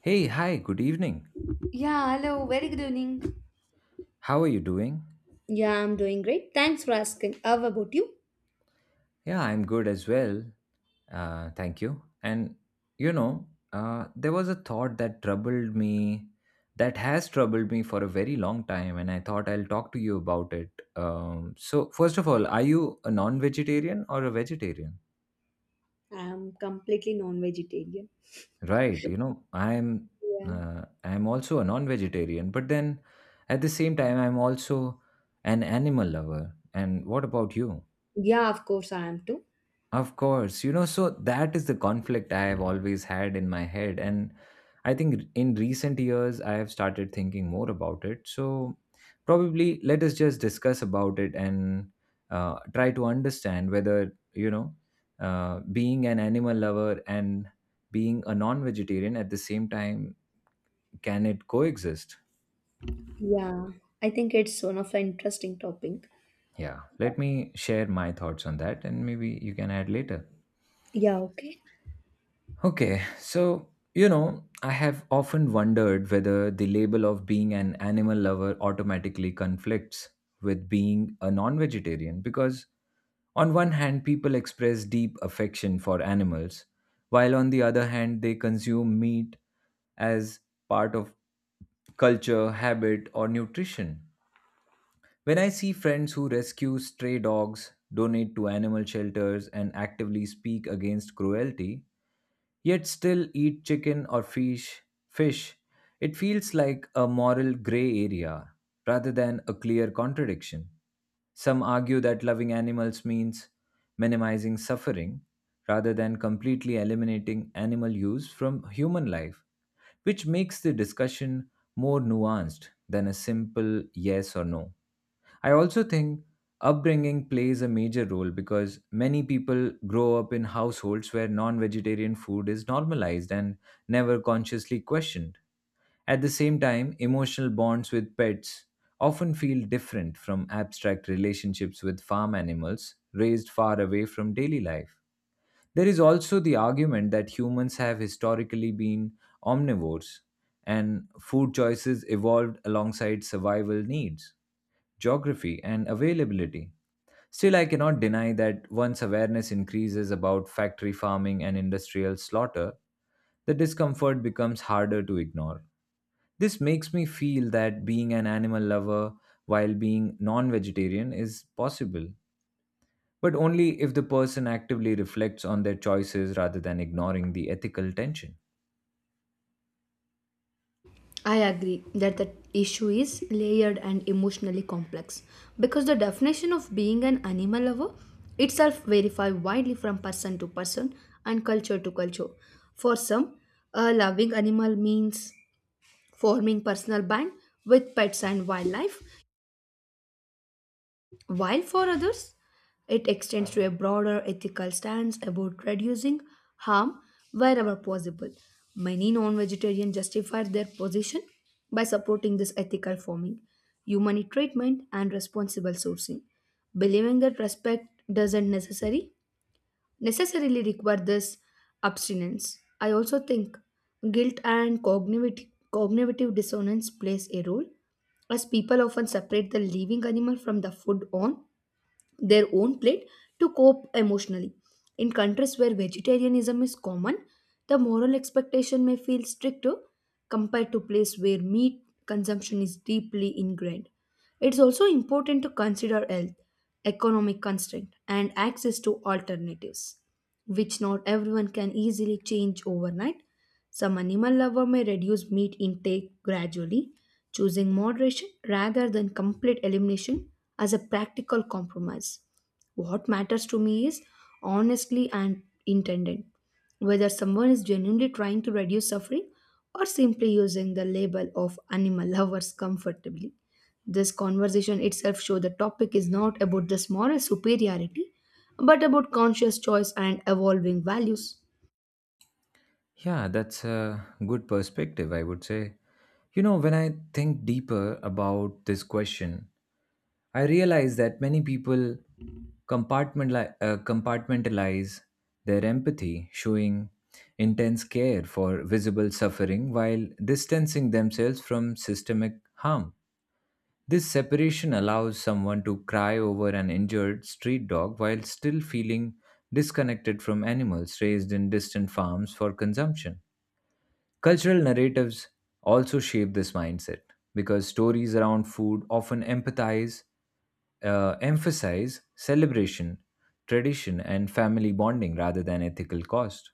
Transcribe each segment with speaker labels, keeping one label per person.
Speaker 1: Hey, hi, good evening.
Speaker 2: Yeah, hello, very good evening.
Speaker 1: How are you doing?
Speaker 2: Yeah, I'm doing great. Thanks for asking. How about you?
Speaker 1: Yeah, I'm good as well. Thank you. And you know, there was a thought that troubled me, that has troubled me for a very long time, and I thought I'll talk to you about it. So, first of all, are you a non-vegetarian or a vegetarian?
Speaker 2: I'm completely non vegetarian.
Speaker 1: Right, you know,
Speaker 2: Yeah.
Speaker 1: I'm also a non-vegetarian, but then at the same time, I'm also an animal lover. And what about you?
Speaker 2: Yeah, of course I am too.
Speaker 1: Of course, you know, so that is the conflict I have always had in my head. And I think in recent years, I have started thinking more about it. So, probably let us just discuss about it and try to understand whether, being an animal lover and being a non vegetarian at the same time, can it coexist?
Speaker 2: Yeah, I think it's one of the interesting topic.
Speaker 1: Yeah, let me share my thoughts on that and maybe you can add later.
Speaker 2: Yeah, okay.
Speaker 1: Okay, so you know, I have often wondered whether the label of being an animal lover automatically conflicts with being a non vegetarian because, on one hand, people express deep affection for animals, while on the other hand, they consume meat as part of culture, habit, or nutrition. When I see friends who rescue stray dogs, donate to animal shelters, and actively speak against cruelty, yet still eat chicken or fish, it feels like a moral gray area rather than a clear contradiction. Some argue that loving animals means minimizing suffering rather than completely eliminating animal use from human life, which makes the discussion more nuanced than a simple yes or no. I also think upbringing plays a major role because many people grow up in households where non vegetarian food is normalized and never consciously questioned. At the same time, emotional bonds with pets often feel different from abstract relationships with farm animals raised far away from daily life. There is also the argument that humans have historically been omnivores, and food choices evolved alongside survival needs, geography, and availability. Still, I cannot deny that once awareness increases about factory farming and industrial slaughter, the discomfort becomes harder to ignore. This makes me feel that being an animal lover while being non vegetarian is possible, but only if the person actively reflects on their choices rather than ignoring the ethical tension.
Speaker 2: I agree that the issue is layered and emotionally complex because the definition of being an animal lover itself varies widely from person to person and culture to culture. For some, a loving animal means forming personal band with pets and wildlife, while for others, it extends to a broader ethical stance about reducing harm wherever possible. Many non vegetarians justify their position by supporting this ethical farming, humane treatment, and responsible sourcing, believing that respect doesn't necessarily require this abstinence. I also think guilt and cognitive dissonance plays a role, as people often separate the living animal from the food on their own plate to cope emotionally. In countries where vegetarianism is common, the moral expectation may feel stricter compared to places where meat consumption is deeply ingrained. It's also important to consider health, economic constraint, and access to alternatives, which not everyone can easily change overnight. Some animal lovers may reduce meat intake gradually, choosing moderation rather than complete elimination as a practical compromise. What matters to me is honestly and intended, whether someone is genuinely trying to reduce suffering or simply using the label of animal lovers comfortably. This conversation itself shows the topic is not about this moral superiority, but about conscious choice and evolving values.
Speaker 1: Yeah, that's a good perspective, I would say. You know, when I think deeper about this question, I realize that many people compartmentalize their empathy, showing intense care for visible suffering while distancing themselves from systemic harm. This separation allows someone to cry over an injured street dog while still feeling disconnected from animals raised in distant farms for consumption. Cultural narratives also shape this mindset because stories around food often emphasize celebration, tradition, and family bonding rather than ethical cost.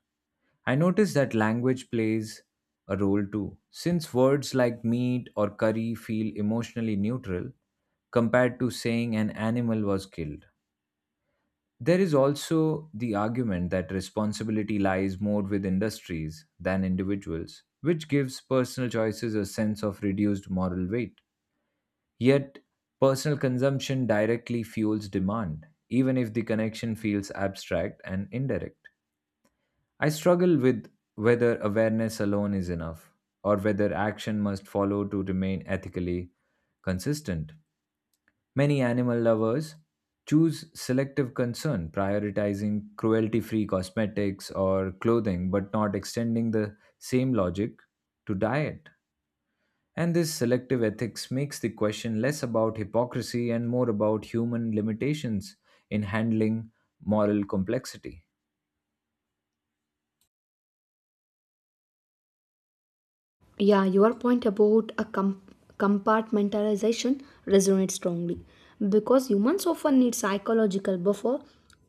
Speaker 1: I notice that language plays a role too, since words like meat or curry feel emotionally neutral compared to saying an animal was killed. There is also the argument that responsibility lies more with industries than individuals, which gives personal choices a sense of reduced moral weight. Yet, personal consumption directly fuels demand, even if the connection feels abstract and indirect. I struggle with whether awareness alone is enough, or whether action must follow to remain ethically consistent. Many animal lovers choose selective concern, prioritizing cruelty free cosmetics or clothing, but not extending the same logic to diet. And this selective ethics makes the question less about hypocrisy and more about human limitations in handling moral complexity.
Speaker 2: Yeah, your point about compartmentalization resonates strongly because humans often need psychological buffer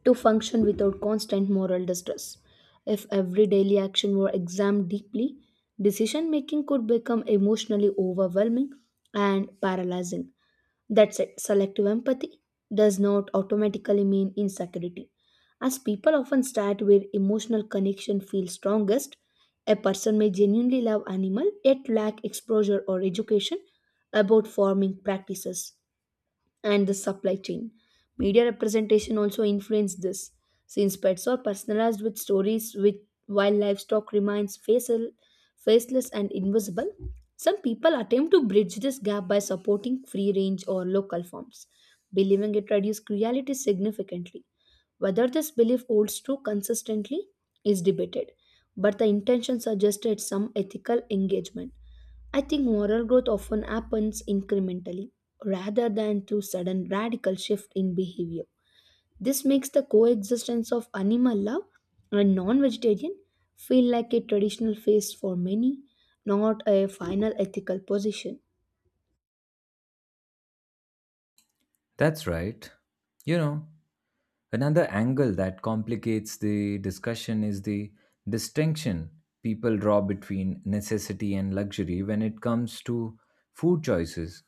Speaker 2: to function without constant moral distress. If every daily action were examined deeply, decision making could become emotionally overwhelming and paralyzing. That's it. Selective empathy does not automatically mean insecurity. As people often start where emotional connection feels strongest, a person may genuinely love animal yet lack exposure or education about farming practices and the supply chain. Media representation also influenced this, since pets are personalized with stories with while livestock remains faceless and invisible. Some people attempt to bridge this gap by supporting free range or local farms, believing it reduces cruelty significantly. Whether this belief holds true consistently is debated, but the intention suggested some ethical engagement. I think moral growth often happens incrementally rather than through sudden radical shift in behavior. This makes the coexistence of animal love and non vegetarian feel like a traditional phase for many, not a final ethical position.
Speaker 1: That's right. You know, another angle that complicates the discussion is the distinction people draw between necessity and luxury when it comes to food choices.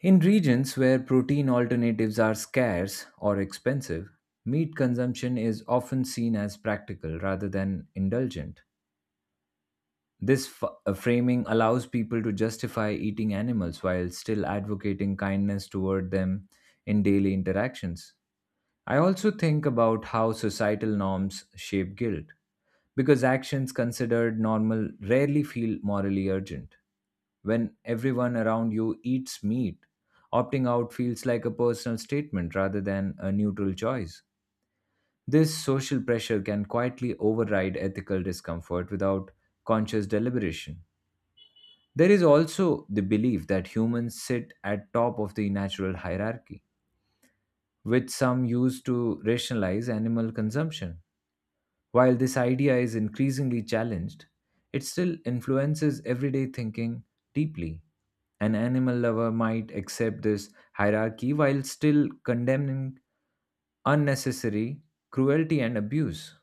Speaker 1: In regions where protein alternatives are scarce or expensive, meat consumption is often seen as practical rather than indulgent. This framing allows people to justify eating animals while still advocating kindness toward them in daily interactions. I also think about how societal norms shape guilt, because actions considered normal rarely feel morally urgent. When everyone around you eats meat, opting out feels like a personal statement rather than a neutral choice. This social pressure can quietly override ethical discomfort without conscious deliberation. There is also the belief that humans sit at top of the natural hierarchy, which some use to rationalize animal consumption. While this idea is increasingly challenged, it still influences everyday thinking deeply. An animal lover might accept this hierarchy while still condemning unnecessary cruelty and abuse.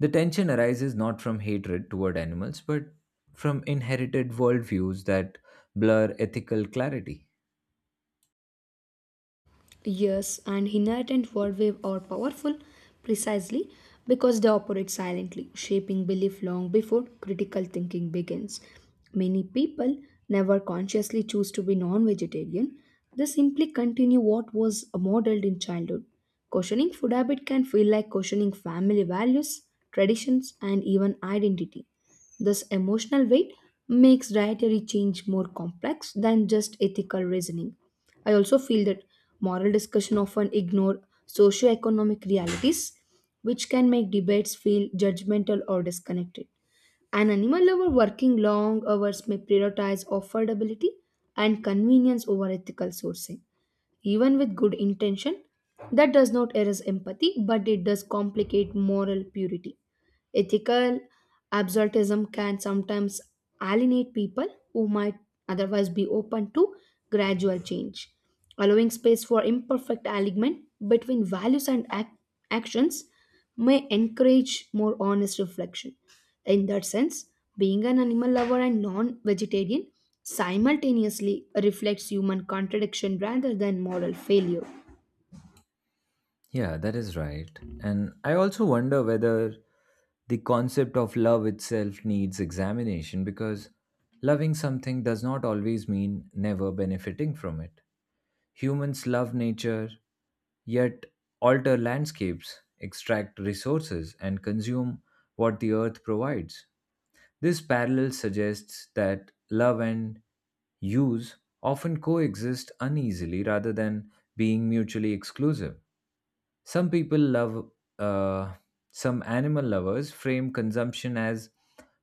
Speaker 1: The tension arises not from hatred toward animals, but from inherited worldviews that blur ethical clarity.
Speaker 2: Yes, and inherent word wave are powerful precisely because they operate silently, shaping belief long before critical thinking begins. Many people never consciously choose to be non vegetarian, they simply continue what was modeled in childhood. Questioning food habit can feel like questioning family values, traditions, and even identity. This emotional weight makes dietary change more complex than just ethical reasoning. I also feel that moral discussion often ignore socioeconomic realities, which can make debates feel judgmental or disconnected. An animal lover working long hours may prioritize affordability and convenience over ethical sourcing. Even with good intention, that does not erase empathy, but it does complicate moral purity. Ethical absolutism can sometimes alienate people who might otherwise be open to gradual change. Allowing space for imperfect alignment between values and actions may encourage more honest reflection. In that sense, being an animal lover and non vegetarian simultaneously reflects human contradiction rather than moral failure.
Speaker 1: Yeah, that is right. And I also wonder whether the concept of love itself needs examination because loving something does not always mean never benefiting from it. Humans love nature, yet alter landscapes, extract resources, and consume what the earth provides. This parallel suggests that love and use often coexist uneasily rather than being mutually exclusive. Some people love, uh, some animal lovers frame consumption as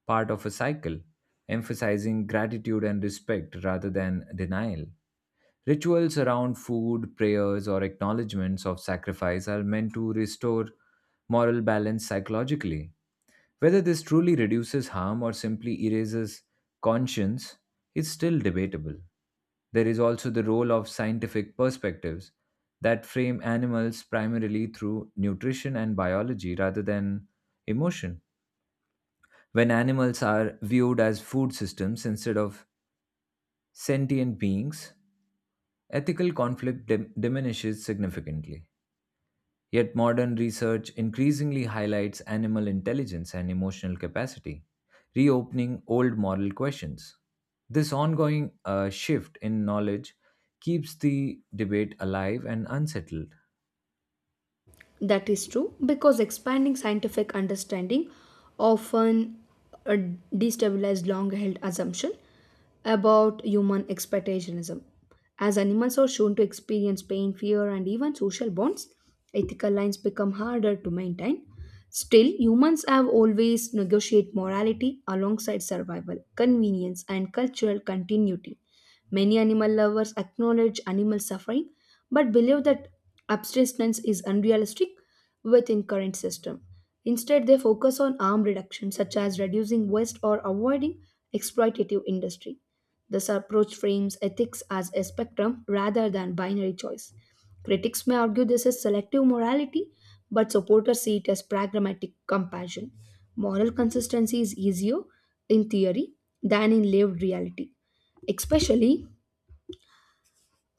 Speaker 1: part of a cycle, emphasizing gratitude and respect rather than denial. Rituals around food, prayers, or acknowledgements of sacrifice are meant to restore moral balance psychologically. Whether this truly reduces harm or simply erases conscience is still debatable. There is also the role of scientific perspectives that frame animals primarily through nutrition and biology rather than emotion. When animals are viewed as food systems instead of sentient beings, ethical conflict diminishes significantly. Yet modern research increasingly highlights animal intelligence and emotional capacity, reopening old moral questions. This ongoing shift in knowledge keeps the debate alive and unsettled.
Speaker 2: That is true because expanding scientific understanding often uh, destabilized long held assumption about human expectationism. As animals are shown to experience pain, fear, and even social bonds, ethical lines become harder to maintain. Still, humans have always negotiate morality alongside survival, convenience, and cultural continuity. Many animal lovers acknowledge animal suffering but believe that abstinence is unrealistic within current system. Instead, they focus on harm reduction such as reducing waste or avoiding exploitative industry. This approach frames ethics as a spectrum rather than binary choice. Critics may argue this is selective morality, but supporters see it as pragmatic compassion. Moral consistency is easier in theory than in lived reality especially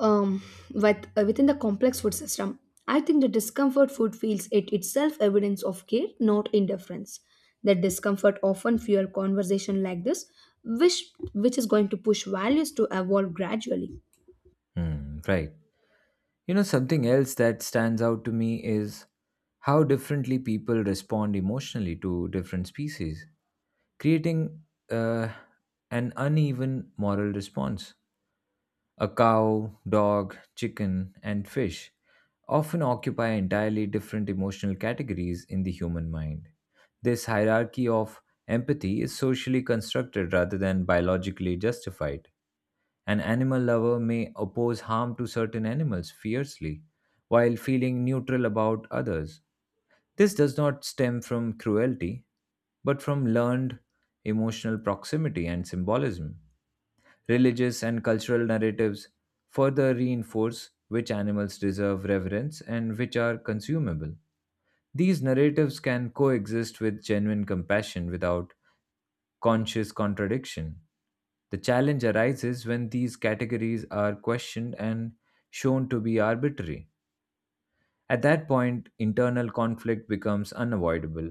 Speaker 2: um, within the complex food system. I think the discomfort food feels it itself evidence of care, not indifference. That discomfort often fuel conversation like this, which is going to push values to evolve gradually.
Speaker 1: Hmm, right. You know, something else that stands out to me is how differently people respond emotionally to different species, creating uh, an uneven moral response. A cow, dog, chicken, and fish often occupy entirely different emotional categories in the human mind. This hierarchy of empathy is socially constructed rather than biologically justified. An animal lover may oppose harm to certain animals fiercely while feeling neutral about others. This does not stem from cruelty, but from learned emotional proximity and symbolism. Religious and cultural narratives further reinforce which animals deserve reverence and which are consumable. These narratives can coexist with genuine compassion without conscious contradiction. The challenge arises when these categories are questioned and shown to be arbitrary. At that point, internal conflict becomes unavoidable,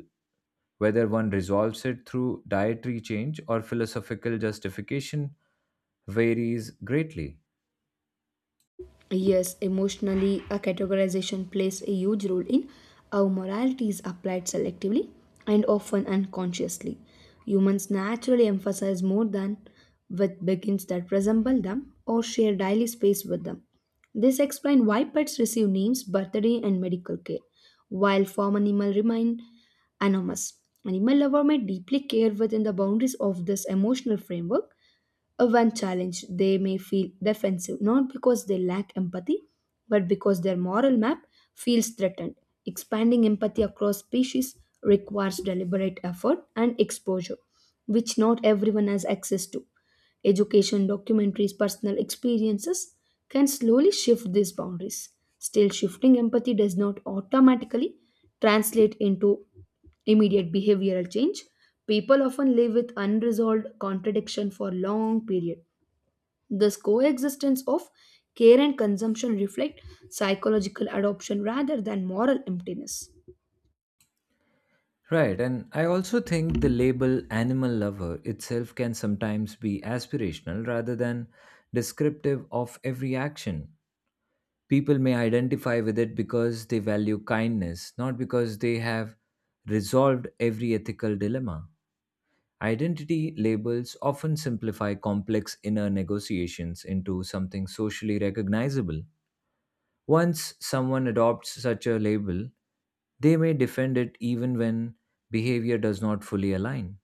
Speaker 1: whether one resolves it through dietary change or philosophical justification varies greatly.
Speaker 2: Yes, emotionally, a categorization plays a huge role in how morality is applied selectively and often unconsciously. Humans naturally emphasize more than with begins that resemble them or share daily space with them. This explains why pets receive names, birthday, and medical care, while farm animals remain anonymous. Animal lover may deeply care within the boundaries of this emotional framework, when challenged, they may feel defensive, not because they lack empathy, but because their moral map feels threatened. Expanding empathy across species requires deliberate effort and exposure, which not everyone has access to. Education, documentaries, personal experiences can slowly shift these boundaries. Still, shifting empathy does not automatically translate into immediate behavioral change. People often live with unresolved contradiction for long period. This coexistence of care and consumption reflect psychological adoption rather than moral emptiness.
Speaker 1: Right, and I also think the label animal lover itself can sometimes be aspirational rather than descriptive of every action. People may identify with it because they value kindness, not because they have resolved every ethical dilemma. Identity labels often simplify complex inner negotiations into something socially recognizable. Once someone adopts such a label, they may defend it even when behavior does not fully align.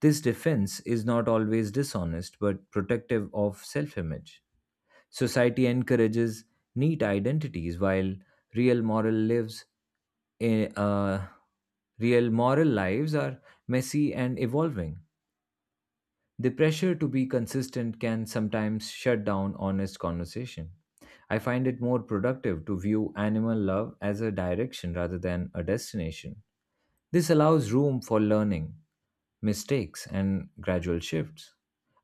Speaker 1: This defense is not always dishonest but protective of self image. Society encourages neat identities while real moral lives eh, uh, real moral lives are messy and evolving. The pressure to be consistent can sometimes shut down honest conversation. I find it more productive to view animal love as a direction rather than a destination. This allows room for learning, mistakes, and gradual shifts.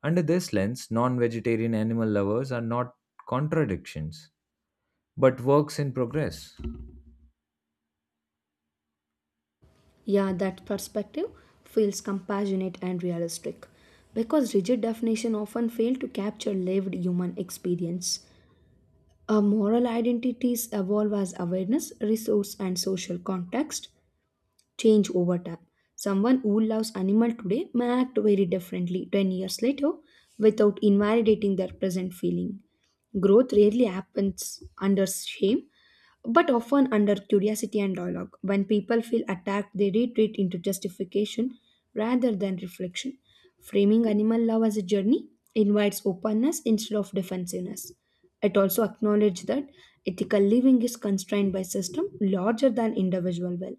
Speaker 1: Under this lens, non vegetarian animal lovers are not contradictions, but works in progress.
Speaker 2: Yeah, that perspective feels compassionate and realistic because rigid definition often fail to capture lived human experience. Our moral identities evolve as awareness, resource, and social context change over time. Someone who loves animal today may act very differently 10 years later without invalidating their present feeling. Growth rarely happens under shame, but often under curiosity and dialogue. When people feel attacked, they retreat into justification rather than reflection. Framing animal love as a journey invites openness instead of defensiveness. It also acknowledges that ethical living is constrained by system larger than individual will.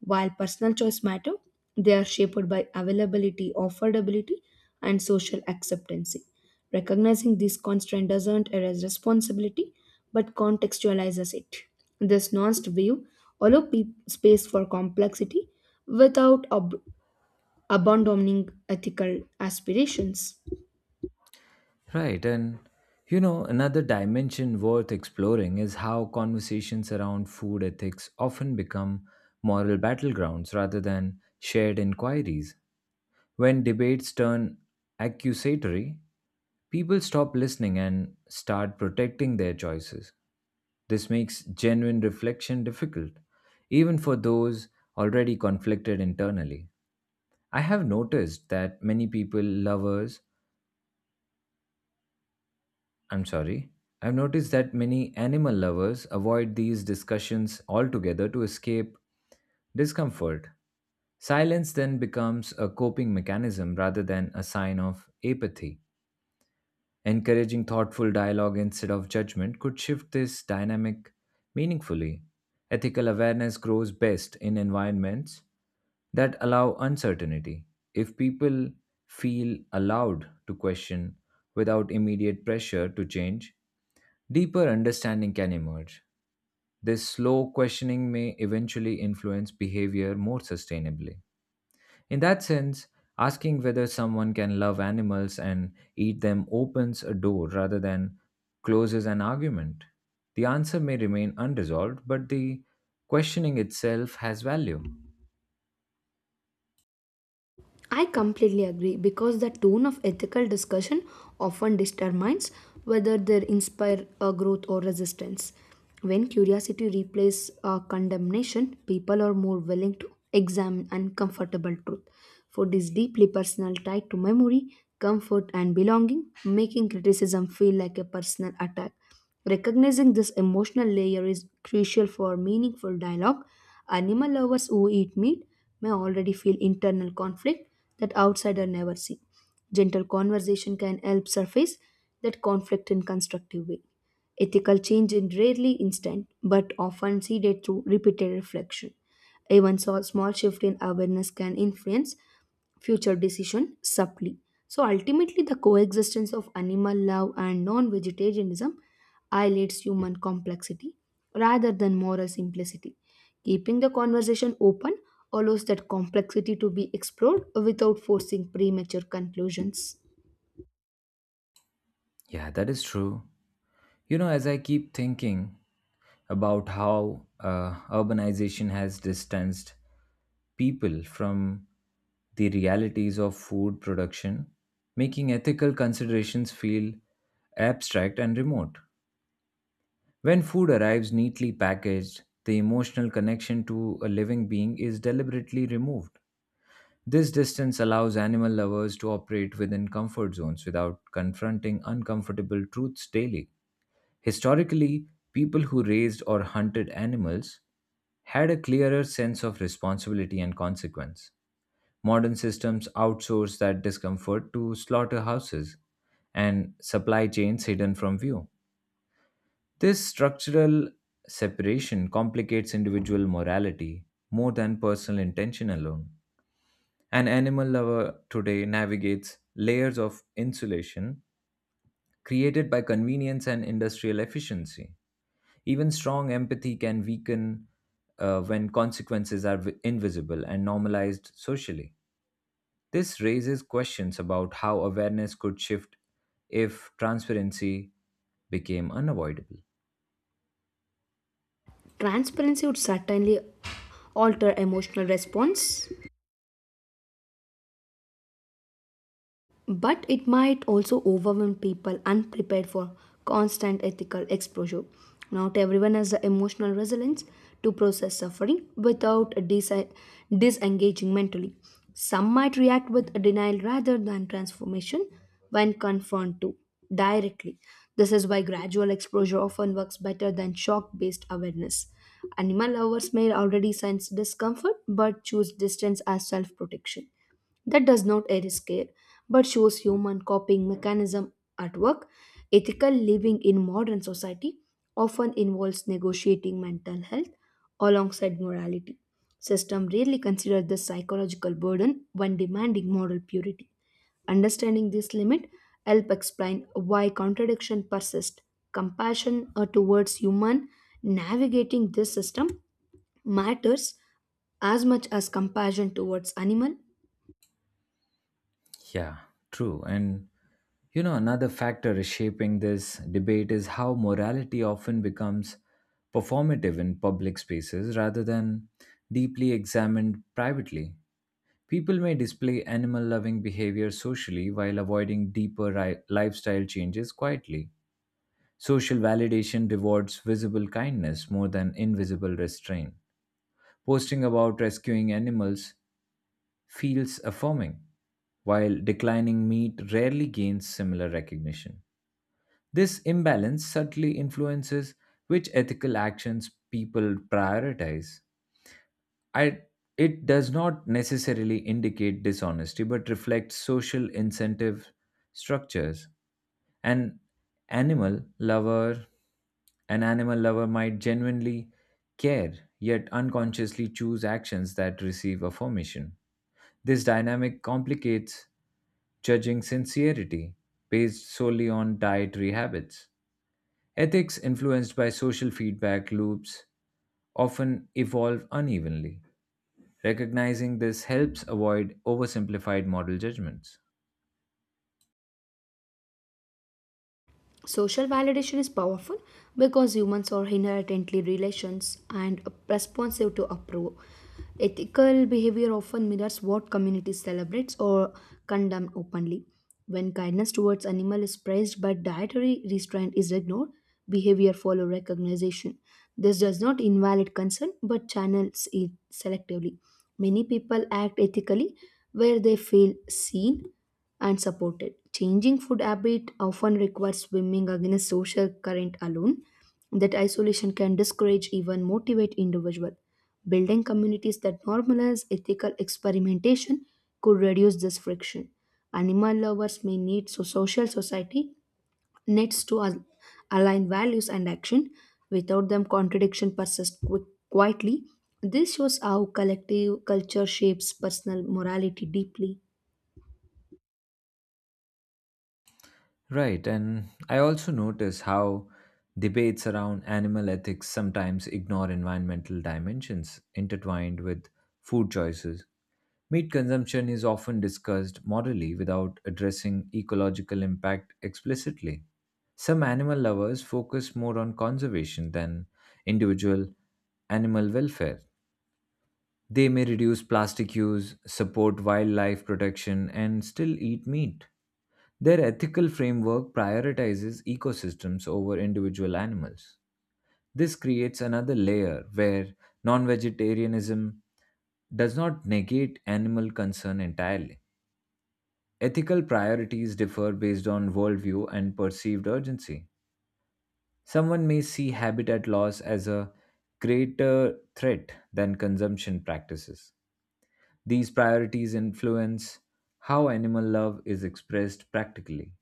Speaker 2: While personal choice matter, they are shaped by availability, affordability, and social acceptance. Recognizing this constraint doesn't erase responsibility but contextualizes it. This nuanced view allows space for complexity without abandoning ethical aspirations.
Speaker 1: Right, and you know, another dimension worth exploring is how conversations around food ethics often become moral battlegrounds rather than shared inquiries. When debates turn accusatory, people stop listening and start protecting their choices. This makes genuine reflection difficult, even for those already conflicted internally. I have noticed that many people, lovers, I'm sorry. I've noticed that many animal lovers avoid these discussions altogether to escape discomfort. Silence then becomes a coping mechanism rather than a sign of apathy. Encouraging thoughtful dialogue instead of judgment could shift this dynamic meaningfully. Ethical awareness grows best in environments that allow uncertainty. If people feel allowed to question without immediate pressure to change, deeper understanding can emerge. This slow questioning may eventually influence behavior more sustainably. In that sense, asking whether someone can love animals and eat them opens a door rather than closes an argument. The answer may remain unresolved, but the questioning itself has value.
Speaker 2: I completely agree because the tone of ethical discussion often determines whether they inspire a growth or resistance. When curiosity replaces condemnation, people are more willing to examine uncomfortable truth. For this deeply personal tie to memory, comfort, and belonging, making criticism feel like a personal attack. Recognizing this emotional layer is crucial for meaningful dialogue. Animal lovers who eat meat may already feel internal conflict that outsider never see. Gentle conversation can help surface that conflict in constructive way. Ethical change is rarely instant, but often seeded through repeated reflection. Even so, small shift in awareness can influence future decision subtly. So ultimately, the coexistence of animal love and non-vegetarianism highlights human complexity rather than moral simplicity, keeping the conversation open allows that complexity to be explored without forcing premature conclusions.
Speaker 1: Yeah, that is true. You know, as I keep thinking about how urbanization has distanced people from the realities of food production, making ethical considerations feel abstract and remote. When food arrives neatly packaged, the emotional connection to a living being is deliberately removed. This distance allows animal lovers to operate within comfort zones without confronting uncomfortable truths daily. Historically, people who raised or hunted animals had a clearer sense of responsibility and consequence. Modern systems outsource that discomfort to slaughterhouses and supply chains hidden from view. This structural separation complicates individual morality more than personal intention alone. An animal lover today navigates layers of insulation created by convenience and industrial efficiency. Even strong empathy can weaken when consequences are invisible and normalized socially. This raises questions about how awareness could shift if transparency became unavoidable.
Speaker 2: Transparency would certainly alter emotional response, but it might also overwhelm people unprepared for constant ethical exposure. Not everyone has the emotional resilience to process suffering without disengaging mentally. Some might react with denial rather than transformation when confronted to directly. This is why gradual exposure often works better than shock based awareness. Animal lovers may already sense discomfort but choose distance as self protection. That does not erase care, but shows human coping mechanism at work. Ethical living in modern society often involves negotiating mental health alongside morality. System rarely consider this psychological burden when demanding moral purity. Understanding this limit help explain why contradiction persist. Compassion towards human navigating this system matters as much as compassion towards animal.
Speaker 1: Yeah, true. And you know, another factor shaping this debate is how morality often becomes performative in public spaces rather than deeply examined privately. People may display animal loving behavior socially while avoiding deeper lifestyle changes quietly. Social validation rewards visible kindness more than invisible restraint. Posting about rescuing animals feels affirming, while declining meat rarely gains similar recognition. This imbalance subtly influences which ethical actions people prioritize. I, it does not necessarily indicate dishonesty, but reflects social incentive structures. An animal lover an animal lover might genuinely care yet unconsciously choose actions that receive affirmation. This dynamic complicates judging sincerity based solely on dietary habits. Ethics influenced by social feedback loops often evolve unevenly. Recognizing this helps avoid oversimplified moral judgments.
Speaker 2: Social validation is powerful because humans are inherently relations and responsive to approval. Ethical behavior often mirrors what community celebrates or condemns openly. When kindness towards animal is praised but dietary restraint is ignored, behavior follow recognition. This does not invalidate concern but channels it selectively. Many people act ethically where they feel seen and supported. Changing food habit often requires swimming against social current alone. That isolation can discourage even motivate individual. Building communities that normalize ethical experimentation could reduce this friction. Animal lovers may need so social society needs to align values and action. Without them, contradiction persists quietly. This shows how collective culture shapes personal morality deeply.
Speaker 1: Right, and I also notice how debates around animal ethics sometimes ignore environmental dimensions intertwined with food choices. Meat consumption is often discussed morally without addressing ecological impact explicitly. Some animal lovers focus more on conservation than individual animal welfare. They may reduce plastic use, support wildlife protection, and still eat meat. Their ethical framework prioritizes ecosystems over individual animals. This creates another layer where non vegetarianism does not negate animal concern entirely. Ethical priorities differ based on worldview and perceived urgency. Someone may see habitat loss as a greater threat than consumption practices. These priorities influence how animal love is expressed practically.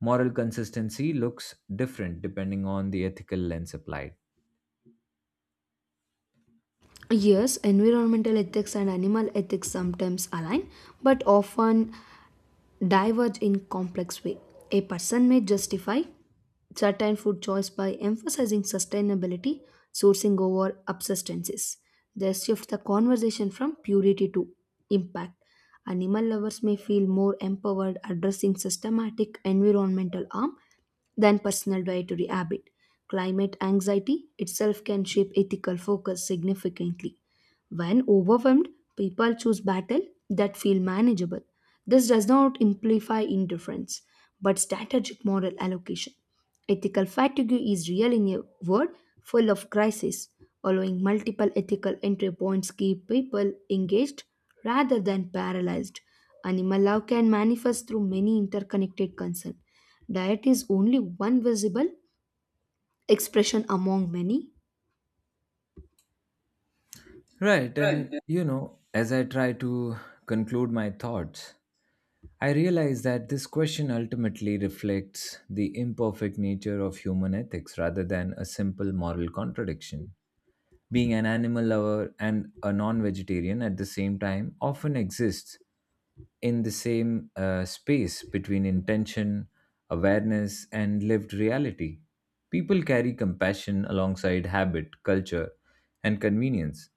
Speaker 1: Moral consistency looks different depending on the ethical lens applied.
Speaker 2: Yes, environmental ethics and animal ethics sometimes align, but often diverge in complex way. A person may justify certain food choice by emphasizing sustainability, sourcing over substances. They shift the conversation from purity to impact. Animal lovers may feel more empowered addressing systematic environmental harm than personal dietary habit. Climate anxiety itself can shape ethical focus significantly. When overwhelmed, people choose battle that feel manageable. This does not imply indifference, but strategic moral allocation. Ethical fatigue is real in a world full of crises. Allowing multiple ethical entry points keep people engaged rather than paralyzed. Animal love can manifest through many interconnected concerns. Diet is only one visible expression among many.
Speaker 1: Right, and
Speaker 2: Right.
Speaker 1: you know, as I try to conclude my thoughts, I realize that this question ultimately reflects the imperfect nature of human ethics rather than a simple moral contradiction. Being an animal lover and a non vegetarian at the same time often exists in the same space between intention, awareness, and lived reality. People carry compassion alongside habit, culture, and convenience,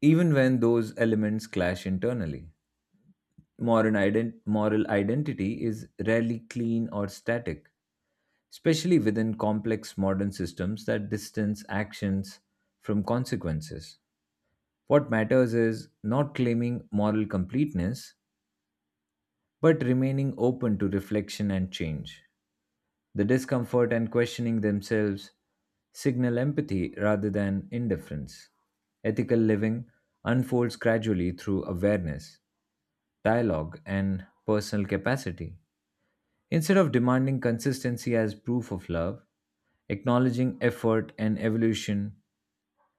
Speaker 1: even when those elements clash internally. Moral identity is rarely clean or static, especially within complex modern systems that distance actions from consequences. What matters is not claiming moral completeness, but remaining open to reflection and change. The discomfort and questioning themselves signal empathy rather than indifference. Ethical living unfolds gradually through awareness, dialogue, and personal capacity. Instead of demanding consistency as proof of love, acknowledging effort and evolution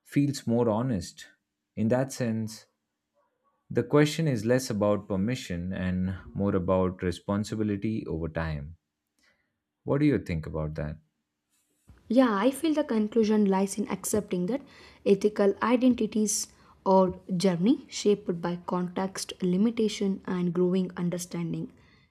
Speaker 1: feels more honest. In that sense, the question is less about permission and more about responsibility over time. What do you think about that?
Speaker 2: Yeah, I feel the conclusion lies in accepting that ethical identities or journey shaped by context, limitation, and growing understanding.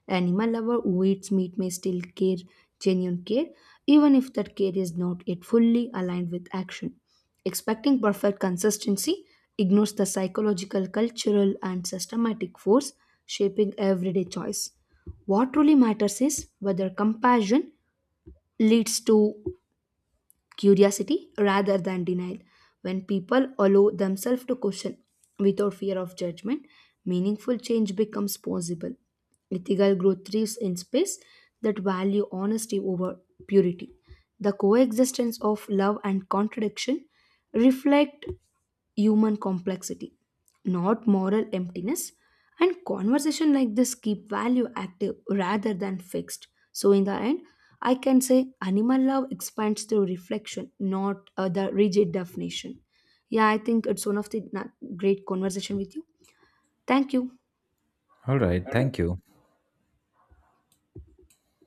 Speaker 2: Animal lover who eats meat may still care genuine care, even if that care is not yet fully aligned with action. Expecting perfect consistency ignores the psychological, cultural, and systematic force shaping everyday choice. What truly matters is whether compassion leads to curiosity rather than denial. When people allow themselves to question without fear of judgment, meaningful change becomes possible. Ethical growth thrives in space that value honesty over purity. The coexistence of love and contradiction reflect human complexity, not moral emptiness. And conversation like this keep value active rather than fixed. So in the end, I can say animal love expands through reflection, not the rigid definition. Yeah, I think it's one of the na- great conversation with you. Thank you.
Speaker 1: All right, thank you.